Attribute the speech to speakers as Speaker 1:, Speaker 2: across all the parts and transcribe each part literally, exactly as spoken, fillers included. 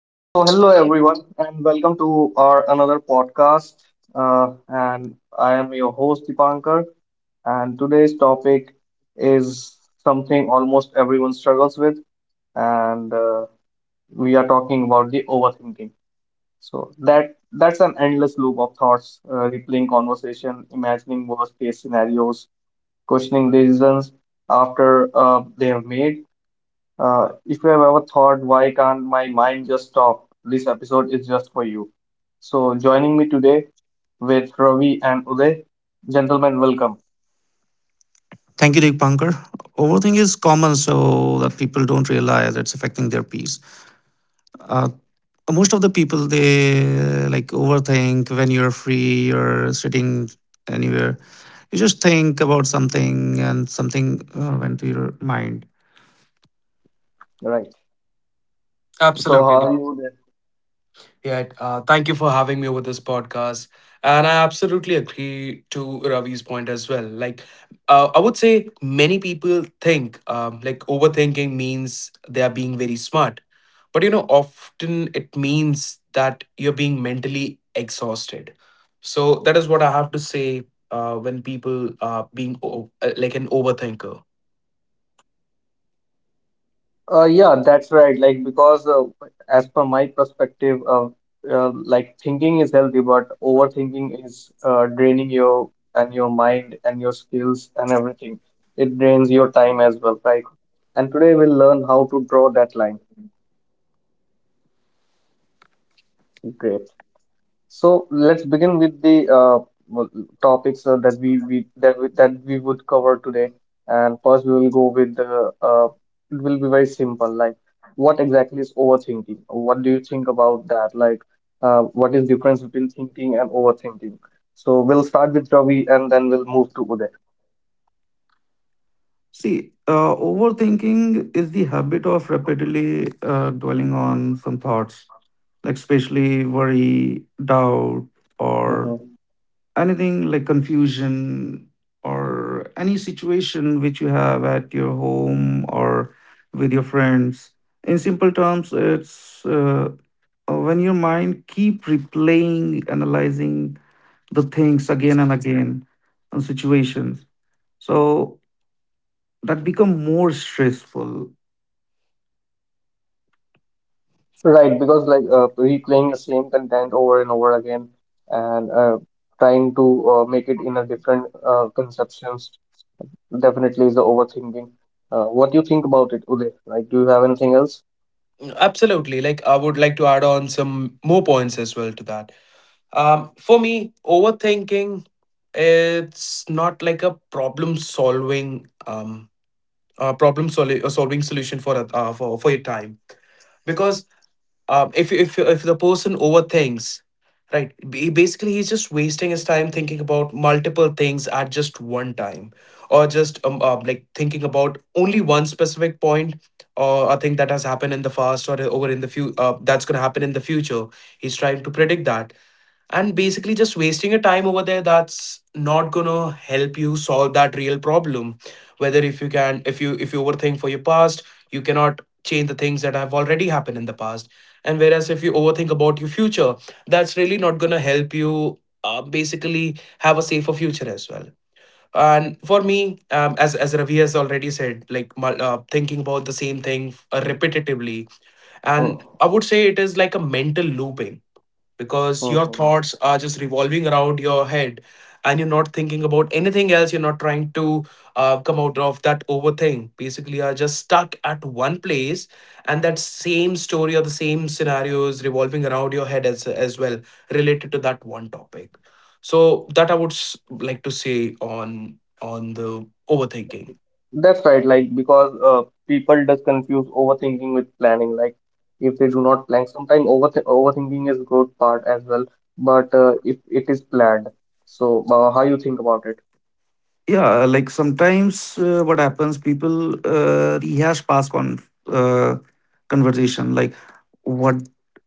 Speaker 1: So, hello everyone, and welcome to our another podcast. Uh, and I am your host Dipankar, and today's topic is something almost everyone struggles with, and uh, we are talking about the overthinking. So that that's an endless loop of thoughts, uh, replaying conversation, imagining worst case scenarios, questioning decisions after uh, they have made, uh, if you have ever thought, why can't my mind just stop? This episode is just for you. So, joining me today with Ravi and Uday, gentlemen, welcome.
Speaker 2: Thank you, Deepankar. Overthinking is common, so that people don't realize it's affecting their peace. Uh, Most of the people they uh, like overthink when you're free, you're sitting anywhere. You just think about something, and something uh, went to your mind.
Speaker 1: Right. So, how
Speaker 3: Absolutely.
Speaker 1: are you there?
Speaker 3: Yeah. Uh, thank you for having me over this podcast. And I absolutely agree to Ravi's point as well. Like, uh, I would say many people think um, like overthinking means they are being very smart. But, you know, often it means that you're being mentally exhausted. So that is what I have to say uh, when people are being o- uh, like an overthinker.
Speaker 1: Uh, yeah, that's right. Like, because uh, as per my perspective, uh, uh, like thinking is healthy, but overthinking is uh, draining your and your mind and your skills and everything. It drains your time as well, right? And today we'll learn how to draw that line. Great. So let's begin with the uh, well, topics uh, that we, we that we, that we would cover today. And first, we will go with the uh, it will be very simple. Like, what exactly is overthinking? What do you think about that? Like, uh, what is difference between thinking and overthinking? So we'll start with Ravi, and then we'll move to Uday.
Speaker 2: See, uh, overthinking is the habit of repeatedly uh, dwelling on some thoughts, like especially worry, doubt, or
Speaker 1: Mhm.
Speaker 2: anything like confusion or any situation which you have at your home or with your friends. In simple terms, it's uh, uh, when your mind keep replaying, analyzing the things again and again, and situations. So that become more stressful.
Speaker 1: Right, because like uh, replaying the same content over and over again, and uh, trying to uh, make it in a different uh, conceptions definitely is the overthinking. Uh, what do you think about it, Uday? Like, do you have anything else?
Speaker 3: Absolutely. Like, I would like to add on some more points as well to that. Um, for me, overthinking it's not like a problem solving um uh, problem soli- uh, solving solution for a- uh, for for your time because um if if if the person overthinks, right. B- basically he's just wasting his time thinking about multiple things at just one time, or just um uh, like thinking about only one specific point, or a thing that has happened in the past, or over in the few uh, that's going to happen in the future. He's trying to predict that, and basically just wasting your time over there. That's not gonna help you solve that real problem. Whether If you can, if you if you overthink for your past, you cannot change the things that have already happened in the past. And whereas if you overthink about your future, that's really not gonna help you uh, basically have a safer future as well. And for me, um, as as Ravi has already said, like mul- uh, thinking about the same thing uh, repetitively, and I would say it is like a mental looping, because your
Speaker 1: Mm-hmm.
Speaker 3: thoughts are just revolving around your head, and you're not thinking about anything else. You're not trying to uh, come out of that overthink. Basically, you're just stuck at one place, and that same story or the same scenario is revolving around your head as as well, related to that one topic. So that I would s- like to say on on the overthinking.
Speaker 1: That's right. Like, because uh, people does confuse overthinking with planning. Like, if they do not plan, sometimes overth overthinking is good part as well. But uh, if it is planned, so uh, how you think about it?
Speaker 2: Yeah, like sometimes, uh, what happens, people uh, rehash past con- uh, conversation. Like what,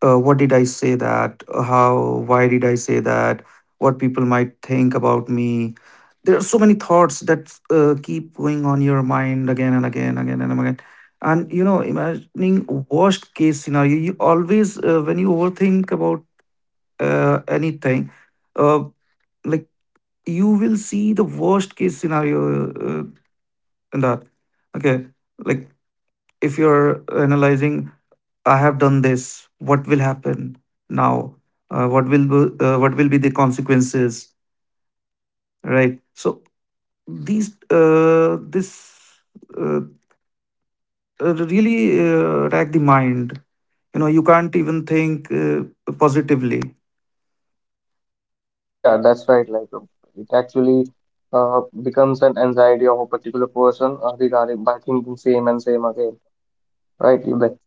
Speaker 2: uh, what did I say that? How, why did I say that? What people might think about me? There are so many thoughts that uh, keep going on your mind again and again again and again. And you know, imagining worst case scenario, you always, uh, when you overthink about uh, anything, uh, like, you will see the worst case scenario uh, in that. Okay, like if you're analyzing, I have done this. What will happen now? Uh, what will be- uh, what will be the consequences? Right. So these uh, this uh, uh, really uh, rack the mind. You know, you can't even think uh, positively.
Speaker 1: Yeah, that's right. Like, uh, it actually uh, becomes an anxiety of a particular person uh, regarding by thinking same and same again, right? Uday?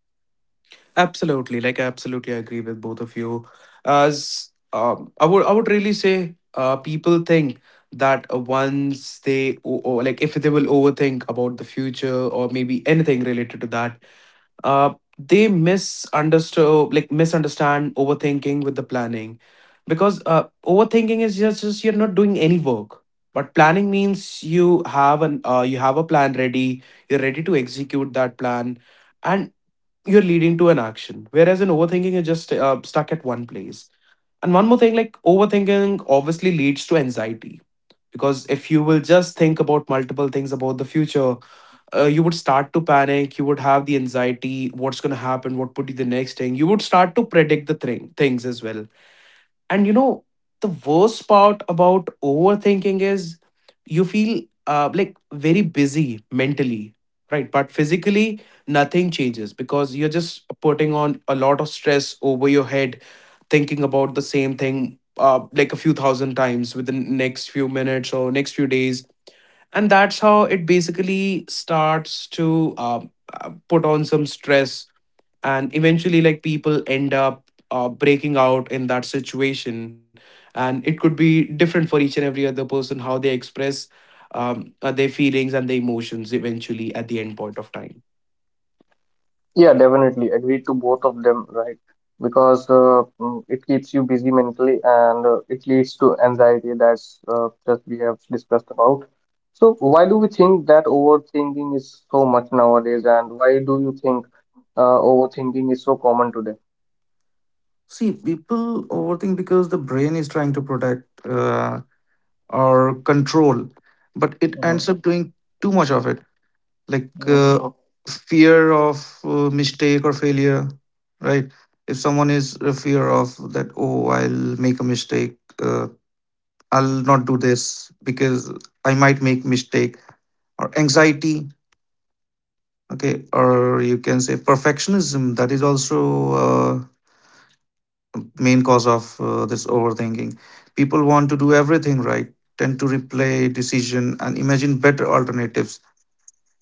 Speaker 3: Absolutely, like I absolutely agree with both of you. As um, I would, I would really say, uh, people think that uh, once they o- o- like if they will overthink about the future, or maybe anything related to that, uh, they misunderstood, like misunderstand overthinking with the planning, because uh, overthinking is just, just you're not doing any work. But planning means you have an uh, you have a plan ready. You're ready to execute that plan, and you're leading to an action, whereas in overthinking you're just uh, stuck at one place. And one more thing, like overthinking obviously leads to anxiety, because if you will just think about multiple things about the future, uh, you would start to panic. You would have the anxiety, what's going to happen, what would be the next thing. You would start to predict the thing things as well. And you know, the worst part about overthinking is you feel uh, like very busy mentally, right? But physically, nothing changes, because you're just putting on a lot of stress over your head, thinking about the same thing uh, like a few thousand times within next few minutes or next few days. And that's how it basically starts to uh, uh, put on some stress, and eventually like people end up uh, breaking out in that situation. And it could be different for each and every other person how they express um, uh, their feelings and their emotions eventually at the end point of time.
Speaker 1: Yeah, definitely agreed to both of them, right? Because uh, mm, it keeps you busy mentally and uh, it leads to anxiety that's uh, that we have discussed about. So why do we think that overthinking is so much nowadays, and why do you think uh, overthinking is so common today?
Speaker 2: See, people overthink because the brain is trying to protect, Uh, or control, but it
Speaker 1: Mhm,
Speaker 2: ends up doing too much of it. Like,
Speaker 1: mhm.
Speaker 2: uh, fear of uh, mistake or failure, right? If someone is a fear of that, oh, I'll make a mistake, uh, I'll not do this because I might make mistake. Or anxiety. Okay, or you can say perfectionism. That is also uh, main cause of uh, this overthinking. People want to do everything right, tend to replay decision and imagine better alternatives.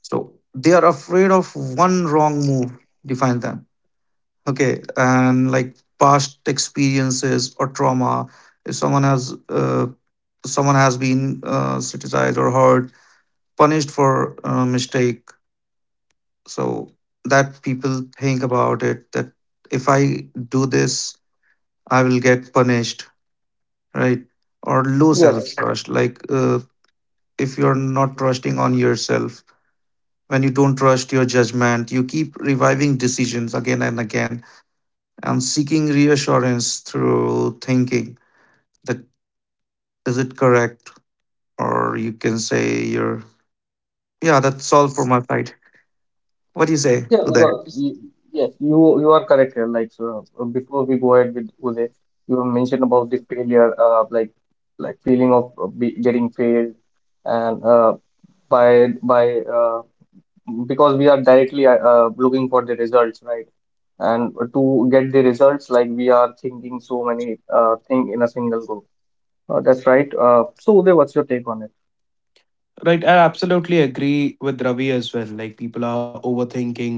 Speaker 2: So they are afraid of one wrong move, define them. Okay. And like past experiences or trauma, if someone has, uh, someone has been uh, criticized or hurt, punished for a mistake. So that people think about it that if I do this, I will get punished, right? Or low
Speaker 1: Yes,
Speaker 2: self trust. Like, uh, if you're not trusting on yourself, when you don't trust your judgment, you keep reviving decisions again and again and seeking reassurance through thinking that, is it correct? Or you can say you're, yeah, that's all for my side. What do you say
Speaker 1: yeah,
Speaker 2: to that?
Speaker 1: because y- yes, you you are correct here. Like so, uh, before we go ahead with Uday, you mentioned about the failure, uh, like like feeling of uh, be, getting failed, and uh, by by uh, because we are directly uh, uh, looking for the results, right? And to get the results, like we are thinking so many uh, thing in a single go. Uh, that's right. Uh, so, Uday, what's your take on it?
Speaker 3: Right, I absolutely agree with Ravi as well. Like people are overthinking,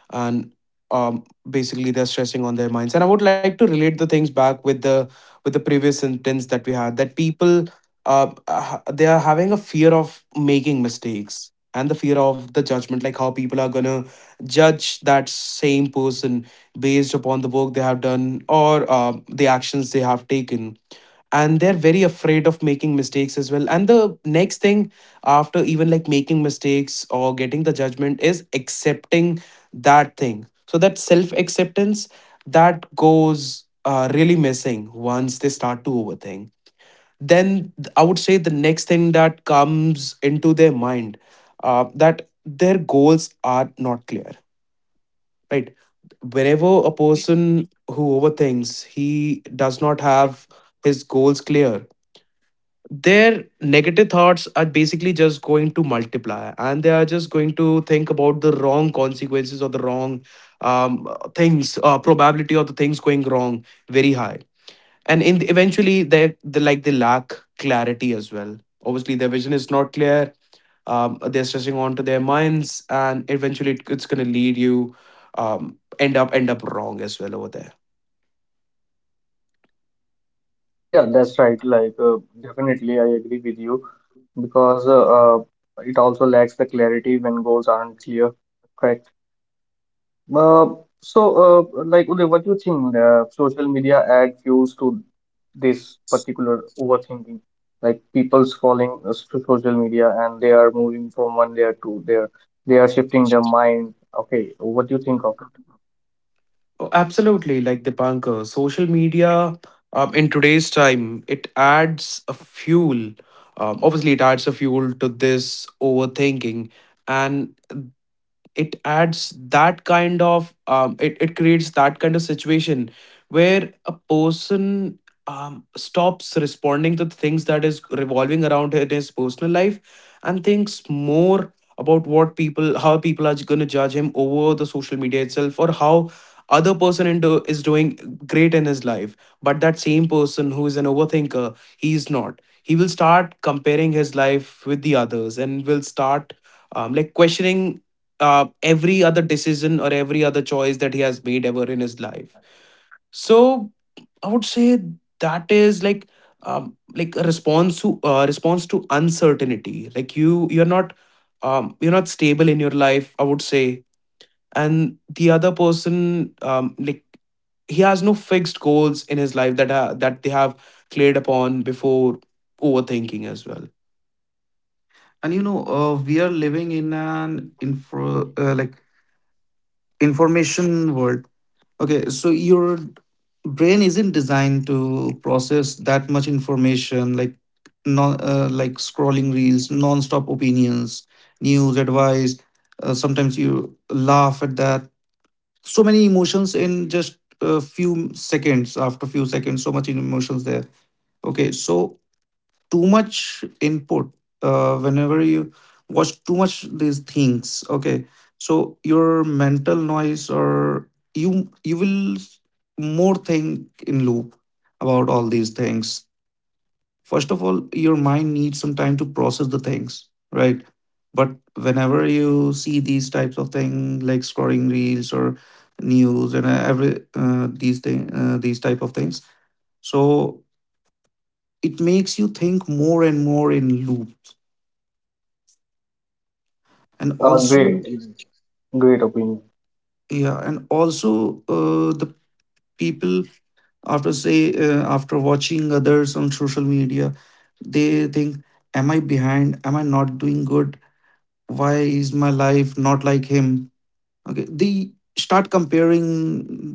Speaker 3: and um basically they're stressing on their minds. And I would like to relate the things back with the with the previous sentence that we had, that people uh uh, they are having a fear of making mistakes and the fear of the judgment, like how people are gonna judge that same person based upon the work they have done or um the actions they have taken. And they're very afraid of making mistakes as well. And the next thing after even like making mistakes or getting the judgment is accepting that thing. So that self acceptance, that goes uh, really missing once they start to overthink. then th- I would say the next thing that comes into their mind, uh, that their goals are not clear, right? Whenever a person who overthinks, he does not have his goals clear. Their negative thoughts are basically just going to multiply, and they are just going to think about the wrong consequences or the wrong um, things, uh, probability of the things going wrong very high. And in the, eventually they, they like they lack clarity as well. Obviously their vision is not clear. Um, they're stressing onto their minds, and eventually it, it's going to lead you um, end up end up wrong as well over there.
Speaker 1: Yeah, that's right. Like uh, definitely, I agree with you because uh, uh, it also lacks the clarity when goals aren't clear. Correct. Uh, so, uh, like, Uday, what do you think uh, social media add fuels to this particular overthinking? Like, people's falling uh, to social media and they are moving from one layer to there. They are shifting their mind. Okay, what do you think of it?
Speaker 3: Oh, absolutely, like Dipankar, social media um, in today's time it adds a fuel. Um, obviously, it adds a fuel to this overthinking, and it adds that kind of um, it, it creates that kind of situation where a person um, stops responding to things that is revolving around in his personal life, and thinks more about what people how people are going to judge him over the social media itself, or how other person into, is doing great in his life. But that same person who is an overthinker, he is not, he will start comparing his life with the others and will start um, like questioning uh, every other decision or every other choice that he has made ever in his life. So I would say that is like um, like a response to uh, response to uncertainty. Like you you're not um, you're not stable in your life, I would say. And the other person um, like he has no fixed goals in his life that uh, that they have cleared upon before overthinking as well.
Speaker 2: And you know, uh, we are living in an info, uh, like information world. Okay, so your brain isn't designed to process that much information, like non, uh, like scrolling reels, non-stop opinions, news, advice. Uh, sometimes you laugh at that. So many emotions in just a few seconds. After few seconds, so much emotions there. Okay, so too much input, uh, whenever you watch too much these things, okay, so your mental noise, or you you will more think in loop about all these things. First of all, your mind needs some time to process the things, right? But whenever you see these types of things like scrolling reels or news and, uh, every uh, these thing uh, these type of things, so it makes you think more and more in loop. And
Speaker 1: Uh, great,
Speaker 2: also,
Speaker 1: great opinion.
Speaker 2: yeah, and also, uh, the people, after say, uh, after watching others on social media, they think, am I behind? Am I not doing good? Why is my life not like him? Okay, they start comparing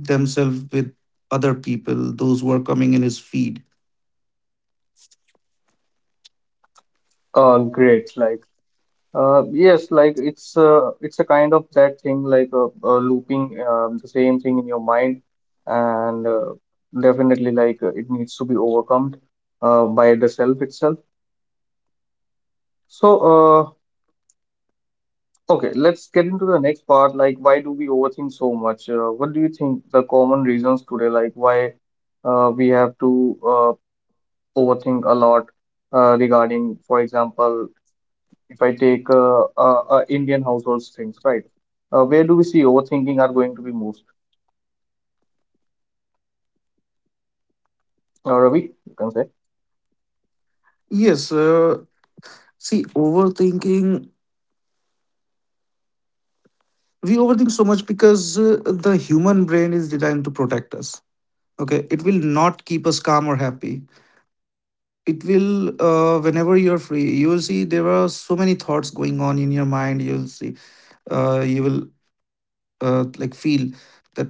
Speaker 2: themselves with other people those who are coming in his feed.
Speaker 1: Uh, great, like. Uh, yes, like it's uh, it's a kind of that thing, like uh, uh, looping um, the same thing in your mind, and uh, definitely like uh, it needs to be overcome uh, by the self itself. So, uh, okay, let's get into the next part. Like, why do we overthink so much? Uh, what do you think the common reasons today, like why uh, we have to uh, overthink a lot uh, regarding, for example, if I take uh, uh, uh, Indian households things, right? Uh, where do we see overthinking are going to be most? Uh, Ravi, you can say.
Speaker 2: Yes, uh, see, overthinking, we overthink so much because uh, the human brain is designed to protect us. Okay, it will not keep us calm or happy. It will, uh, whenever you're free, you'll see there are so many thoughts going on in your mind. You'll see, uh, you will uh, like feel that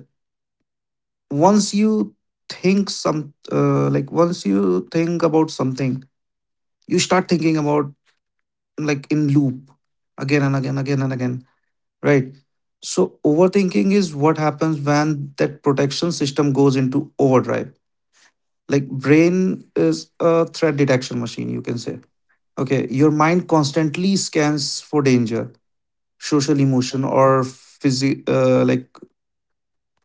Speaker 2: once you think some, uh, like once you think about something, you start thinking about, like in loop, again and again again and again, right? So overthinking is what happens when that protection system goes into overdrive. Like brain is a threat detection machine, you can say. Okay, your mind constantly scans for danger, social emotion or physi- uh, like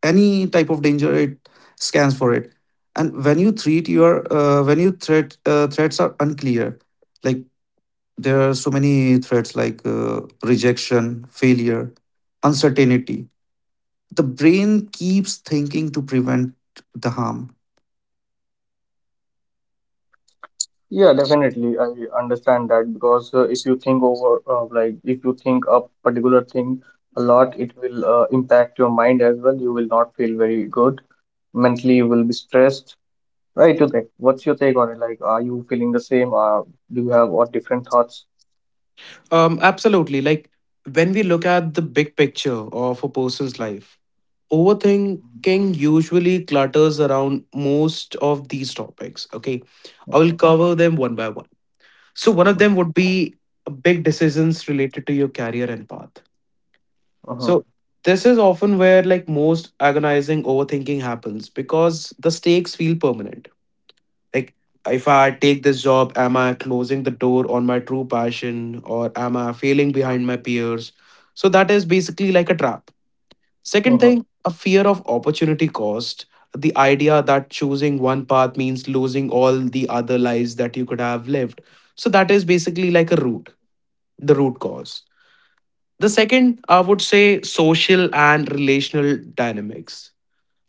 Speaker 2: any type of danger, it scans for it. And when you treat your uh, when you threat uh, threats are unclear, like there are so many threats like, uh, rejection, failure, uncertainty. The brain keeps thinking to prevent the harm.
Speaker 1: Yeah, definitely. I understand that because uh, if you think over, uh, like if you think a particular thing a lot, it will uh, impact your mind as well. You will not feel very good mentally. You will be stressed, right? You think. What's your take on it? Like, are you feeling the same? Uh, do you have what different thoughts?
Speaker 3: Um, absolutely. Like when we look at the big picture of a person's life, overthinking usually clutters around most of these topics. Okay. I will
Speaker 1: Mhm,
Speaker 3: cover them one by one. So, one of
Speaker 1: mhm,
Speaker 3: them would be big decisions related to your career and path.
Speaker 1: mhm,
Speaker 3: So, this is often where like most agonizing overthinking happens because the stakes feel permanent. Like, if I take this job, am I closing the door on my true passion, or am I failing behind my peers? So, that is basically like a trap. Second
Speaker 1: mhm.
Speaker 3: thing, a fear of opportunity cost. The idea that choosing one path means losing all the other lives that you could have lived. So that is basically like a root, the root cause. The second, I would say, social and relational dynamics.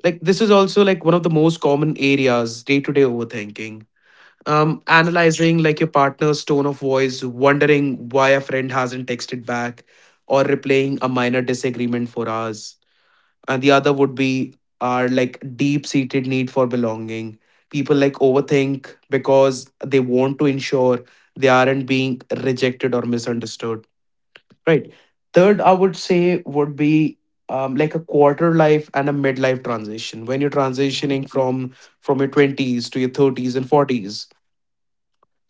Speaker 3: Like this is also like one of the most common areas, day-to-day overthinking. Um, analyzing like your partner's tone of voice, wondering why a friend hasn't texted back, or replaying a minor disagreement for hours. And the other would be our like deep seated need for belonging. People like overthink because they want to ensure they aren't being rejected or misunderstood, right? Third, I would say would be um, like a quarter life and a midlife transition, when you're transitioning from from your twenties to your thirties and forties.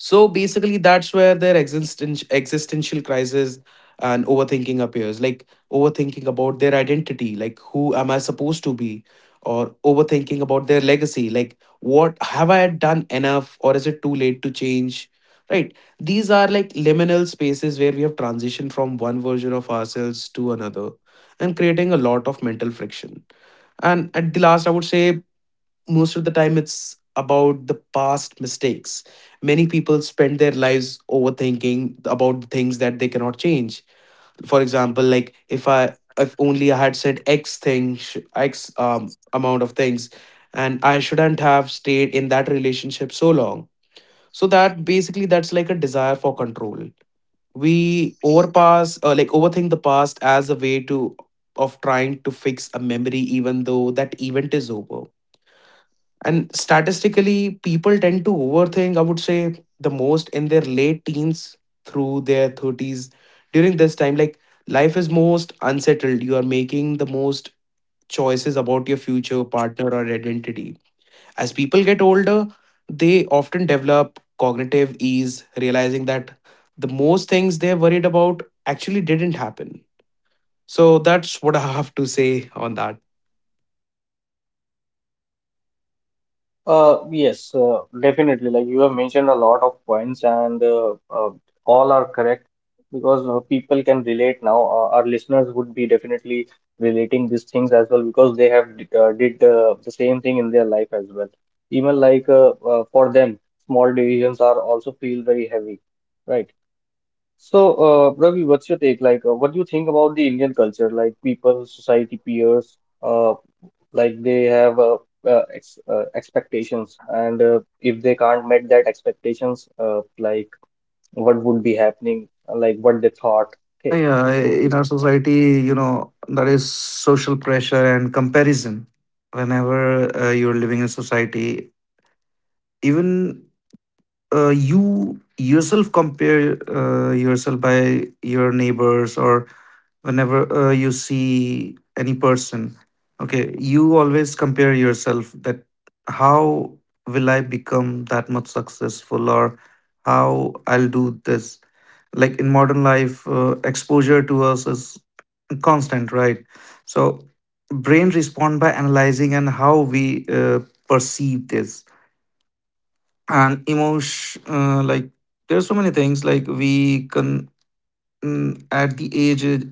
Speaker 3: So basically, that's where their existential existential crisis and overthinking appears. Like overthinking about their identity, like who am I supposed to be, or overthinking about their legacy, like what have I done enough, or is it too late to change? Right. These are like liminal spaces where we have transitioned from one version of ourselves to another, and creating a lot of mental friction. And at the last, I would say most of the time it's about the past mistakes. Many people spend their lives overthinking about things that they cannot change. For example, like if i if only I had said x thing, sh- x um, amount of things, and I shouldn't have stayed in that relationship so long. So that basically, that's like a desire for control. We overpass uh, like overthink the past as a way to of trying to fix a memory even though that event is over. And statistically, people tend to overthink, I would say, the most in their late teens through their thirties. During this time, like life is most unsettled. You are making the most choices about your future, partner, or identity. As people get older, they often develop cognitive ease, realizing that the most things they're worried about actually didn't happen. So that's what I have to say on that.
Speaker 1: Uh, yes, uh, definitely. Like you have mentioned a lot of points, and uh, uh, all are correct because uh, people can relate now. Uh, our listeners would be definitely relating these things as well because they have d- uh, did uh, the same thing in their life as well. Even like uh, uh, for them, small divisions are also feel very heavy, right? So, uh, Ravi, what's your take? Like, uh, what do you think about the Indian culture? Like people, society, peers. uh, like they have uh, uh, ex uh, expectations, and uh, if they can't meet that expectations, uh, like what would be happening, like what they thought. Okay,
Speaker 2: Yeah,
Speaker 1: so
Speaker 2: in our society, you know, there is social pressure and comparison. Whenever, uh, you're living in society, even, uh, you yourself compare uh, yourself by your neighbors, or whenever, uh, you see any person, okay, you always compare yourself that, how will I become that much successful, or how I'll do this. Like in modern life, uh, exposure to us is constant, right? So brain respond by analyzing and how we uh, perceive this and emotion, uh, like there's so many things like we can, mm, at the age, uh,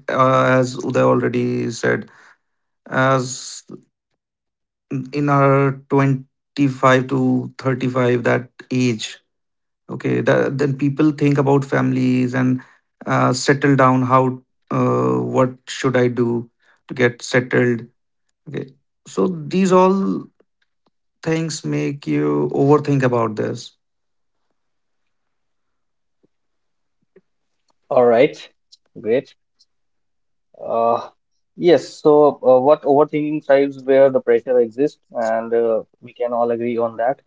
Speaker 2: as Uday already said, as in our twenty-five to thirty-five, that age, okay, that, then people think about families and uh, settle down. How, uh, what should I do to get settled? Okay, so these all things make you overthink about this.
Speaker 1: all right, great. Uh, yes. So uh, what overthinking thrives where the pressure exists, and uh, we can all agree on that.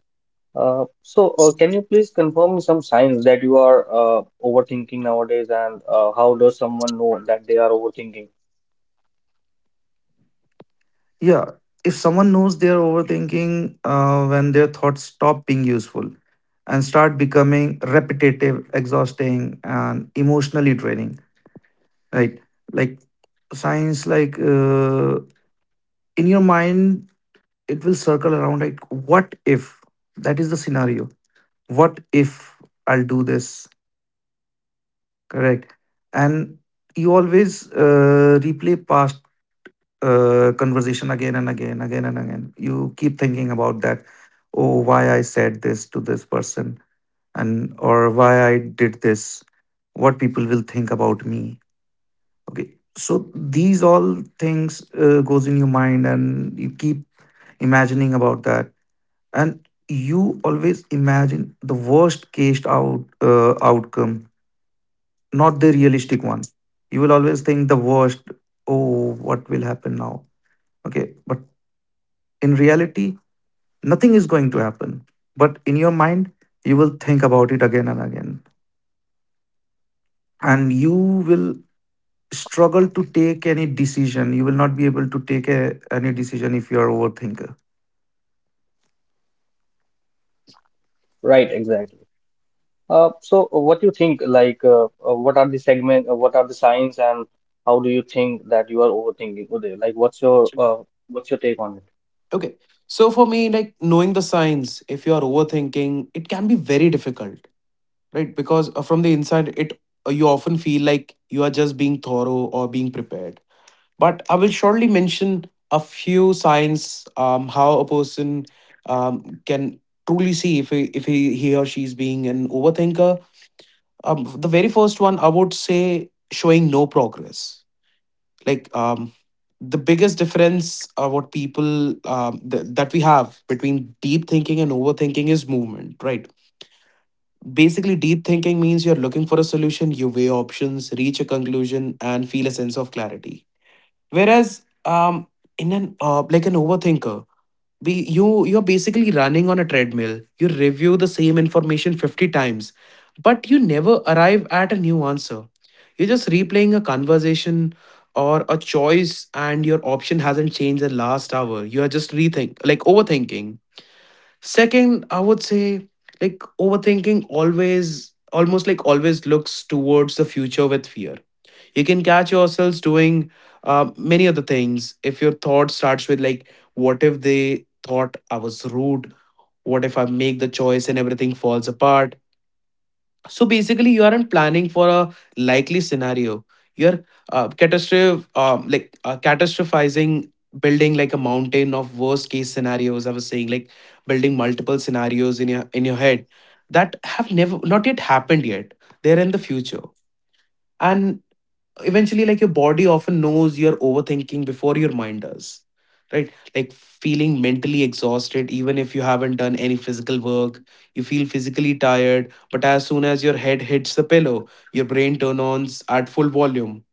Speaker 1: Uh, so, uh, can you please confirm some signs that you are uh, overthinking nowadays, and uh, how does someone know that they are overthinking?
Speaker 2: Yeah, if someone knows they're overthinking uh, when their thoughts stop being useful and start becoming repetitive, exhausting, and emotionally draining, right? Like science, like, uh, in your mind, it will circle around like, what if? That is the scenario. What if I'll do this? Correct. And you always uh, replay past uh, conversation again and again, again and again. You keep thinking about that. Oh, why I said this to this person, and or why I did this. What people will think about me. Okay, so these all things uh, goes in your mind, and you keep imagining about that, and you always imagine the worst case out uh, outcome, not the realistic one. You will always think the worst. Oh, what will happen now? Okay, but in reality, nothing is going to happen, but in your mind, you will think about it again and again, and you will struggle to take any decision. You will not be able to take a, any decision if you are overthinker.
Speaker 1: Right, exactly. Uh, so what do you think, like, uh, uh, what are the segment, uh, what are the signs, and how do you think that you are overthinking, Uday? Like, what's your uh, what's your take on it?
Speaker 3: Okay. So for me, like knowing the signs, if you are overthinking, it can be very difficult, right? Because uh, from the inside, it uh, you often feel like you are just being thorough or being prepared. But I will shortly mention a few signs um, how a person um, can truly see if he, if he, he or she is being an overthinker. Um, the very first one, I would say, showing no progress, like um the biggest difference, uh, what people, um, th- that we have between deep thinking and overthinking is movement, right? Basically, deep thinking means you're looking for a solution, you weigh options, reach a conclusion, and feel a sense of clarity, whereas um in an uh, like an overthinker, we you you're basically running on a treadmill. You review the same information fifty times, but you never arrive at a new answer. You're just replaying a conversation or a choice and your option hasn't changed the last hour. You are just rethink, like overthinking. Second, I would say, like overthinking always, almost like always, looks towards the future with fear. You can catch yourselves doing uh, many other things if your thought starts with like, what if they thought I was rude? What if I make the choice and everything falls apart? So basically, you aren't planning for a likely scenario, you're uh, catastrophe um, like uh, catastrophizing, building like a mountain of worst case scenarios. I was saying, like, building multiple scenarios in your in your head that have never not yet happened yet. They're in the future. And eventually, like, your body often knows you're overthinking before your mind does, right? Like feeling mentally exhausted even if you haven't done any physical work. You feel physically tired, but as soon as your head hits the pillow, your brain turns on at full volume.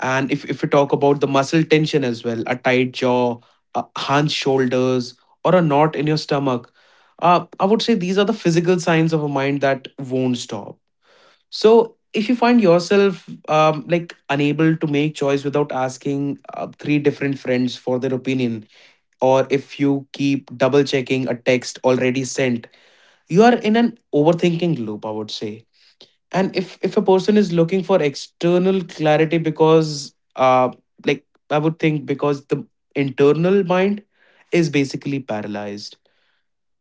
Speaker 3: And if, if we talk about the muscle tension as well, a tight jaw, a hunched shoulders, or a knot in your stomach, uh, I would say these are the physical signs of a mind that won't stop. So if you find yourself um, like unable to make choice without asking uh, three different friends for their opinion, or if you keep double checking a text already sent, you are in an overthinking loop, I would say. And if if a person is looking for external clarity, because uh like, I would think, because the internal mind is basically paralyzed.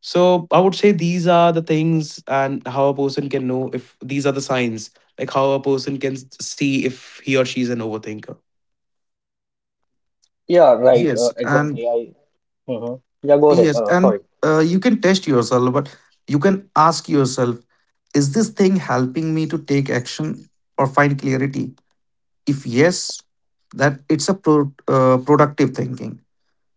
Speaker 3: So I would say these are the things and how a person can know if these are the signs, like how a person can s- see if he or she is an overthinker.
Speaker 1: Yeah, right. Uh,
Speaker 2: Yes, and
Speaker 1: exactly. I. Mhm. Yeah, go ahead.
Speaker 2: yes,
Speaker 1: Uh,
Speaker 2: and,
Speaker 1: sorry.
Speaker 2: uh, you can test yourself. But you can ask yourself, is this thing helping me to take action or find clarity? If yes, that it's a pro- uh, productive thinking.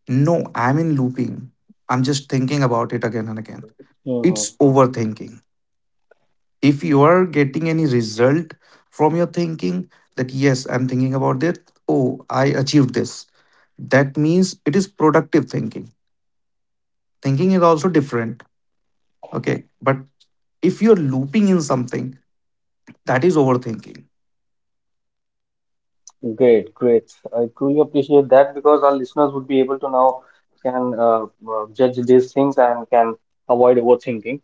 Speaker 2: No, I'm in looping. I'm just thinking about it again and again.
Speaker 1: Mm-hmm.
Speaker 2: It's overthinking. If you are getting any result from your thinking, that, yes, I'm thinking about it, oh, I achieved this, that means it is productive thinking. Thinking is also different, okay? But if you're looping in something, that is overthinking.
Speaker 1: Great, great. I truly appreciate that because our listeners would be able to now can uh, uh, judge these things and can avoid overthinking.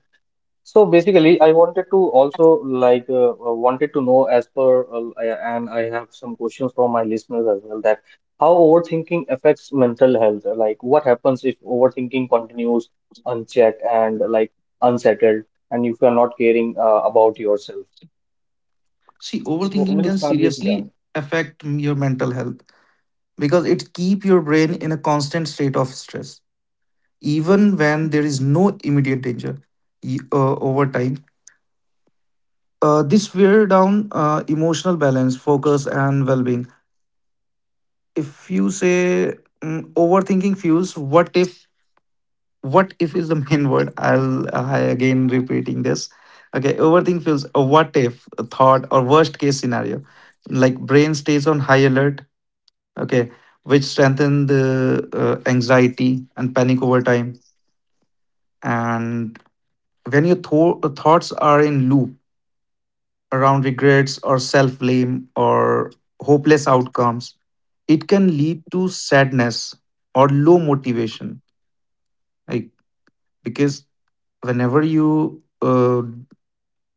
Speaker 1: So basically, I wanted to also like uh, uh, wanted to know as per uh, I- and I have some questions from my listeners as well that how overthinking affects mental health. Like what happens if overthinking continues unchecked and like unsettled, and if you are not caring uh, about yourself.
Speaker 2: See,
Speaker 1: So
Speaker 2: overthinking
Speaker 1: we'll
Speaker 2: can
Speaker 1: start with yeah.
Speaker 2: seriously affect your mental health because it keep your brain in a constant state of stress even when there is no immediate danger. Y- uh, over time, Uh, this wear down uh, emotional balance, focus, and well-being. If you say, mm, overthinking fuels, what if? What if is the main word? I'll I again repeating this. Okay, overthinking fuels a what if a thought or worst case scenario, like brain stays on high alert. Okay, which strengthen the uh, anxiety and panic over time. And when your tho- thoughts are in loop around regrets or self blame or hopeless outcomes, it can lead to sadness or low motivation. Like because whenever you, uh,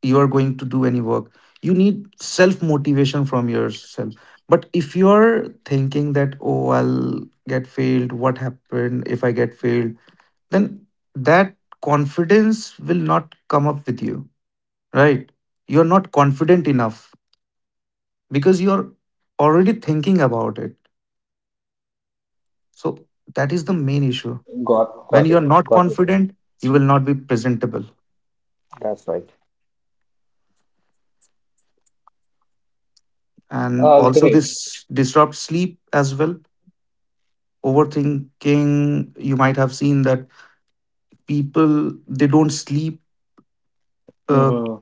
Speaker 2: you are going to do any work, you need self motivation from yourself. But if you are thinking that, oh, I'll get failed, what happened if I get failed? Then that confidence will not come up with you, right? You're not confident enough because you're already thinking about it. So that is the main issue.
Speaker 1: Got
Speaker 2: When
Speaker 1: got
Speaker 2: you're
Speaker 1: it.
Speaker 2: not
Speaker 1: Got your point.
Speaker 2: confident, you will not be presentable.
Speaker 1: That's right.
Speaker 2: And
Speaker 1: Uh,
Speaker 2: also,
Speaker 1: great.
Speaker 2: this disrupts sleep as well. Overthinking, you might have seen that people they don't sleep, uh,
Speaker 1: Mm-hmm.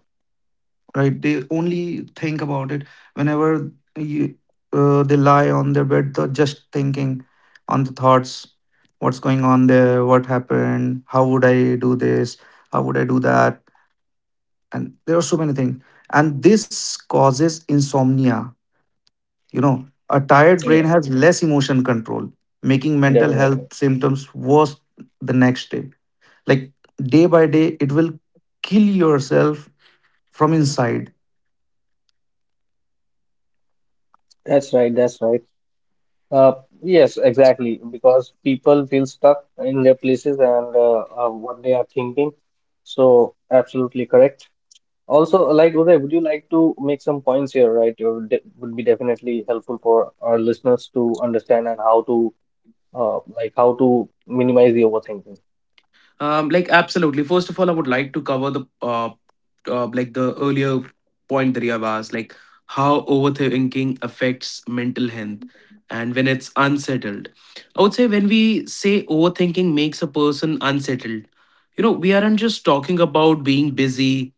Speaker 2: right? They only think about it whenever you, uh, they lie on their bed. They're just thinking on the thoughts, what's going on there, what happened, how would I do this, how would I do that, and there are so many things. And this causes insomnia. You know, a tired
Speaker 1: Yeah,
Speaker 2: brain has less emotion control, making mental health
Speaker 1: definitely.
Speaker 2: symptoms worse the next day. Like day by day, it will kill yourself from inside.
Speaker 1: That's right. That's right. Uh, yes, exactly. Because people feel stuck in their places and uh, uh, what they are thinking. So, absolutely correct. Also, like Uday, would you like to make some points here, right? It would, de would be definitely helpful for our listeners to understand and how to, uh, like how to minimize the overthinking.
Speaker 3: Um, like, absolutely. First of all, I would like to cover the uh, uh like the earlier point that you have asked, like how overthinking affects mental health and when it's unsettled. I would say when we say overthinking makes a person unsettled, you know, we aren't just talking about being busy.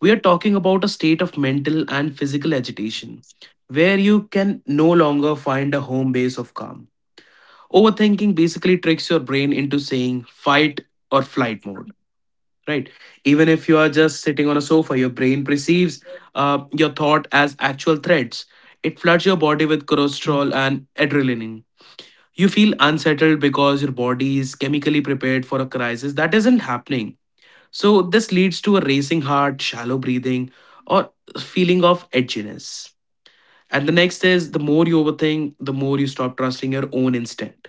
Speaker 3: We are talking about a state of mental and physical agitation where you can no longer find a home base of calm. Overthinking basically tricks your brain into saying fight or flight mode, right? Even if you are just sitting on a sofa, your brain perceives uh, your thought as actual threats. It floods your body with cortisol and adrenaline. You feel unsettled because your body is chemically prepared for a crisis that isn't happening. So this leads to a racing heart, shallow breathing, or feeling of edginess. And the next is, the more you overthink, the more you stop trusting your own instinct.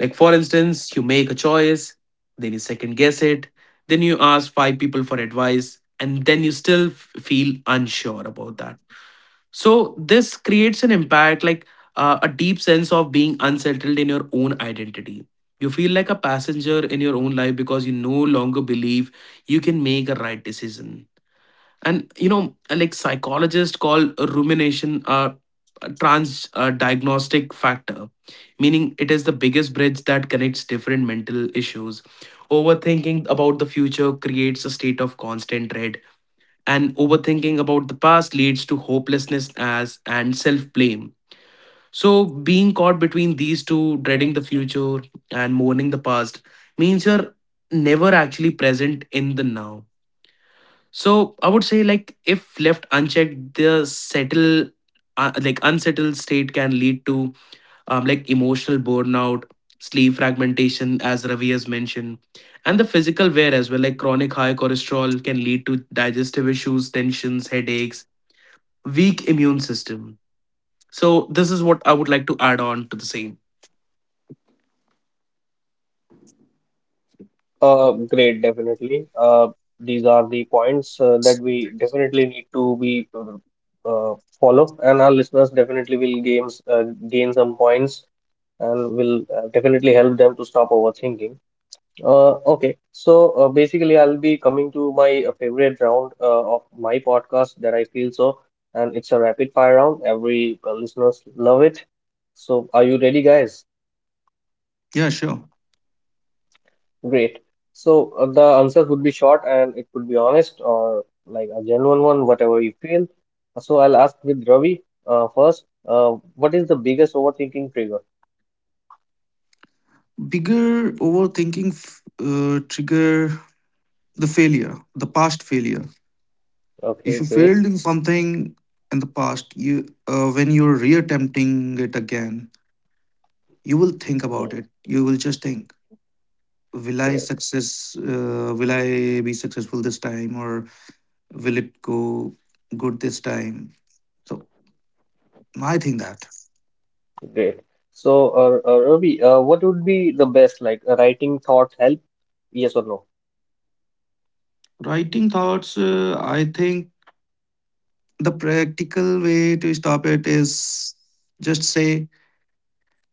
Speaker 3: Like, for instance, you make a choice, then you second guess it, then you ask five people for advice, and then you still f- feel unsure about that. So this creates an impact like uh, a deep sense of being unsettled in your own identity. You feel like a passenger in your own life because you no longer believe you can make a right decision. And you know, like, psychologists call rumination a, a trans uh diagnostic factor, meaning it is the biggest bridge that connects different mental issues. Overthinking about the future creates a state of constant dread, and overthinking about the past leads to hopelessness as and self-blame. So being caught between these two, dreading the future and mourning the past, means you're never actually present in the now. So I would say, like, if left unchecked, the settle, uh, like, unsettled state can lead to um, like, emotional burnout, sleep fragmentation, as Ravi has mentioned, and the physical wear as well. Like, chronic high cholesterol can lead to digestive issues, tensions, headaches, weak immune system. So this is what I would like to add on to the same.
Speaker 1: Uh, great, definitely. Uh, these are the points uh, that we definitely need to be uh, uh, follow, and our listeners definitely will gains uh, gain some points and will uh, definitely help them to stop overthinking. Uh, okay, so uh, basically, I'll be coming to my uh, favorite round uh, of my podcast that I feel so, and it's a rapid fire round. Every uh, listeners love it. So, are you ready, guys?
Speaker 2: Yeah, sure.
Speaker 1: Great. So, uh, the answers would be short and it could be honest or like a genuine one, whatever you feel. So, I'll ask with Ravi uh, first. Uh, what is the biggest overthinking trigger?
Speaker 2: Bigger overthinking f- uh, trigger, the failure, the past failure.
Speaker 1: Okay,
Speaker 2: If you
Speaker 1: great.
Speaker 2: failed in something in the past, you, uh, when you're reattempting it again, you will think
Speaker 1: Mm,
Speaker 2: about it. You will just think, will I
Speaker 1: great.
Speaker 2: success? Uh, will I be successful this time, or will it go good this time? So I think that.
Speaker 1: Great. So, uh, uh, Ravi, uh, what would be the best, like uh, writing thoughts help? Yes or no?
Speaker 2: Writing thoughts. Uh, I think the practical way to stop it is just say,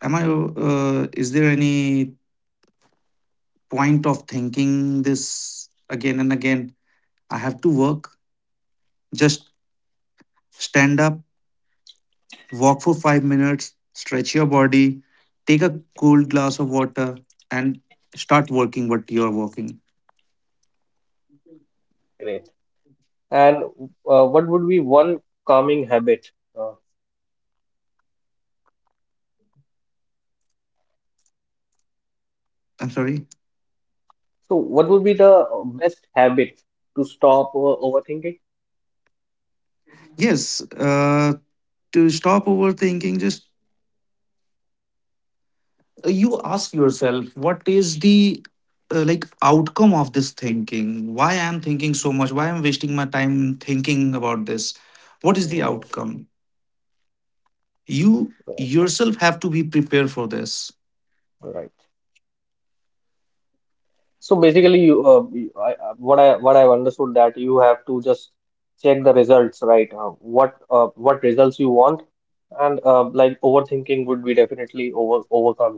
Speaker 2: "Am I? Uh, is there any point of thinking this again and again? I have to work. Just stand up. Walk for five minutes, stretch your body, take a cold glass of water, and start working what you're working.
Speaker 1: Great. And uh, what would be one calming habit? Uh,
Speaker 2: I'm sorry.
Speaker 1: so, what would be the best habit to stop uh, overthinking?
Speaker 2: Yes, uh, to stop overthinking, just, uh, you ask yourself, what is the, uh, like outcome of this thinking? Why I'm thinking so much? Why I'm wasting my time thinking about this? What is the
Speaker 1: Mhm.
Speaker 2: outcome? You
Speaker 1: Right.
Speaker 2: yourself have to be prepared for this.
Speaker 1: Right. So basically, you, uh, you- I, I- what I what I've understood that you have to just check the results, right? Uh, what uh, what results you want, and uh, like overthinking would be definitely over overcome.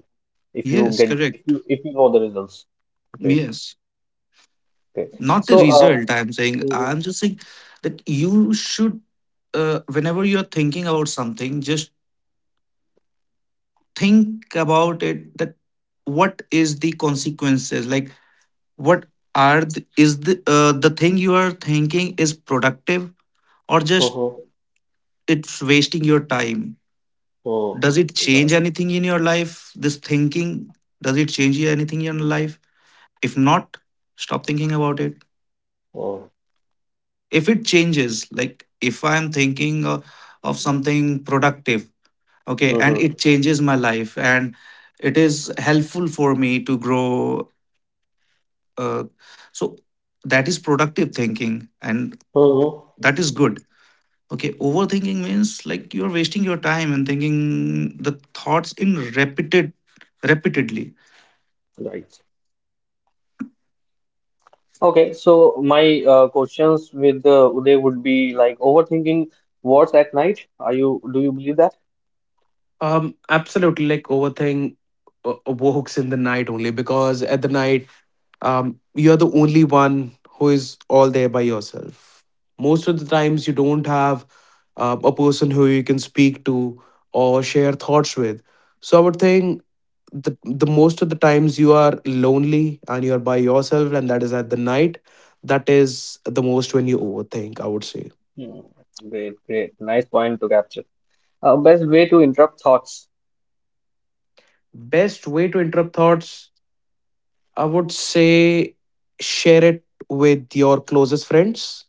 Speaker 1: If you
Speaker 2: Yes,
Speaker 1: get if
Speaker 2: correct.
Speaker 1: you if you know the results. Great,
Speaker 2: Yes.
Speaker 1: great.
Speaker 2: Not the
Speaker 1: So uh,
Speaker 2: result I'm saying, I'm
Speaker 1: mhm,
Speaker 2: just saying that you should, uh, whenever you're thinking about something, just think about it that, what is the consequences? Like what are the, is the, uh, the thing you are thinking is productive, or just
Speaker 1: mhm,
Speaker 2: it's wasting your time.
Speaker 1: mhm,
Speaker 2: Does it
Speaker 1: right,
Speaker 2: change anything in your life, this thinking? Does it change you anything in your life? If not, stop thinking about it.
Speaker 1: mhm,
Speaker 2: If it changes, like if I'm thinking, uh, of something productive, okay, and
Speaker 1: mhm,
Speaker 2: it changes my life, and it is helpful for me to grow, uh, so that is productive thinking, and
Speaker 1: mhm,
Speaker 2: that is good. Okay, overthinking means like you're wasting your time and thinking the thoughts in repeated repeatedly.
Speaker 1: right. Okay, so my uh, questions with uh, Uday would be like overthinking what's at night. Are you do you believe that?
Speaker 3: Um, absolutely, like, overthing uh, works in the night only because at the night, um, you're the only one who is all there by yourself. Most of the times, you don't have uh, a person who you can speak to or share thoughts with. So I would think the the most of the times you are lonely and you are by yourself, and that is at the night. That is the most when you overthink, I would say.
Speaker 1: Hmm, great, great. Nice point to capture. Uh, best way to interrupt thoughts.
Speaker 3: Best way to interrupt thoughts. I would say share it with your closest friends,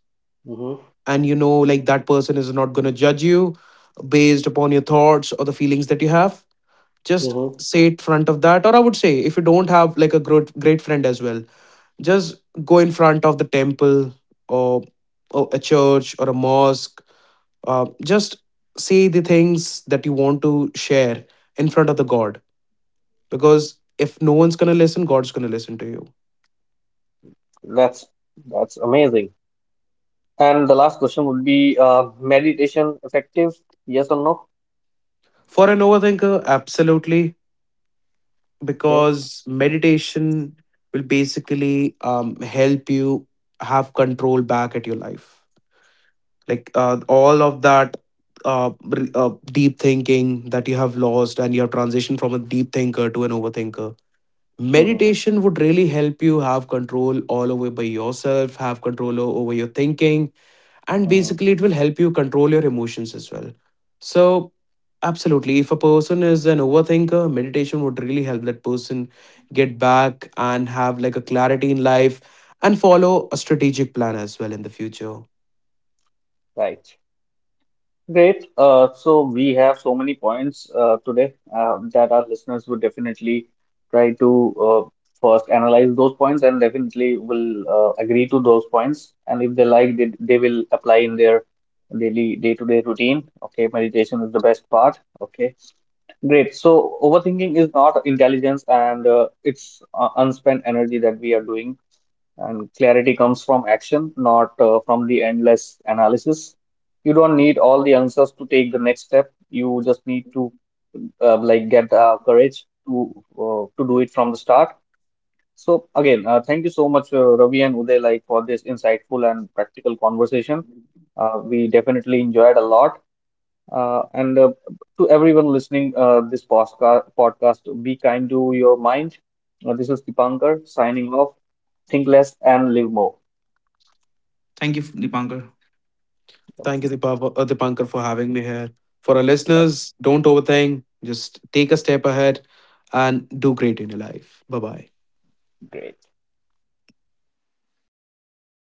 Speaker 1: Hmm.
Speaker 3: and you know, like, that person is not going to judge you based upon your thoughts or the feelings that you have. Just
Speaker 1: Hmm.
Speaker 3: say it front of that, or I would say if you don't have like a great great friend as well, just go in front of the temple, or, or a church or a mosque, uh, just say the things that you want to share in front of the god, because if no one's going to listen, god's going to listen to you.
Speaker 1: That's that's amazing. And the last question would be uh, meditation effective? Yes or no?
Speaker 3: For an overthinker, absolutely,
Speaker 1: Okay.
Speaker 3: because meditation will basically um, help you have control back at your life. Like, uh, all of that uh, re- uh, deep thinking that you have lost and you have transitioned from a deep thinker to an overthinker, meditation would really help you have control all over by yourself, have control o- over your thinking, and
Speaker 1: Uh,
Speaker 3: basically it will help you control your emotions as well. So absolutely, if a person is an overthinker, meditation would really help that person get back and have like a clarity in life and follow a strategic plan as well in the future.
Speaker 1: right. Great. Uh, so we have so many points uh, today uh, that our listeners would definitely try to uh, first analyze those points and definitely will uh, agree to those points. And if they like, they, they will apply in their daily day-to-day routine. Okay, meditation is the best part. Okay, great. So overthinking is not intelligence and uh, it's uh, unspent energy that we are doing and clarity comes from action, not uh, from the endless analysis. You don't need all the answers to take the next step. You just need to uh, like get the courage to uh, to do it from the start. So again, uh, thank you so much, uh, Ravi and Uday, like for this insightful and practical conversation. Uh, we definitely enjoyed a lot. Uh, and uh, to everyone listening, uh, this podcast, podcast, be kind to your mind. Uh, this is Dipankar signing off. Think less and live more.
Speaker 2: Thank you, Dipankar.
Speaker 3: Thank you, Dipa- uh, dipankar, for having me here. For our
Speaker 1: Yeah.
Speaker 3: listeners, don't overthink, just take a step ahead and do great in your life. Bye bye.
Speaker 1: Great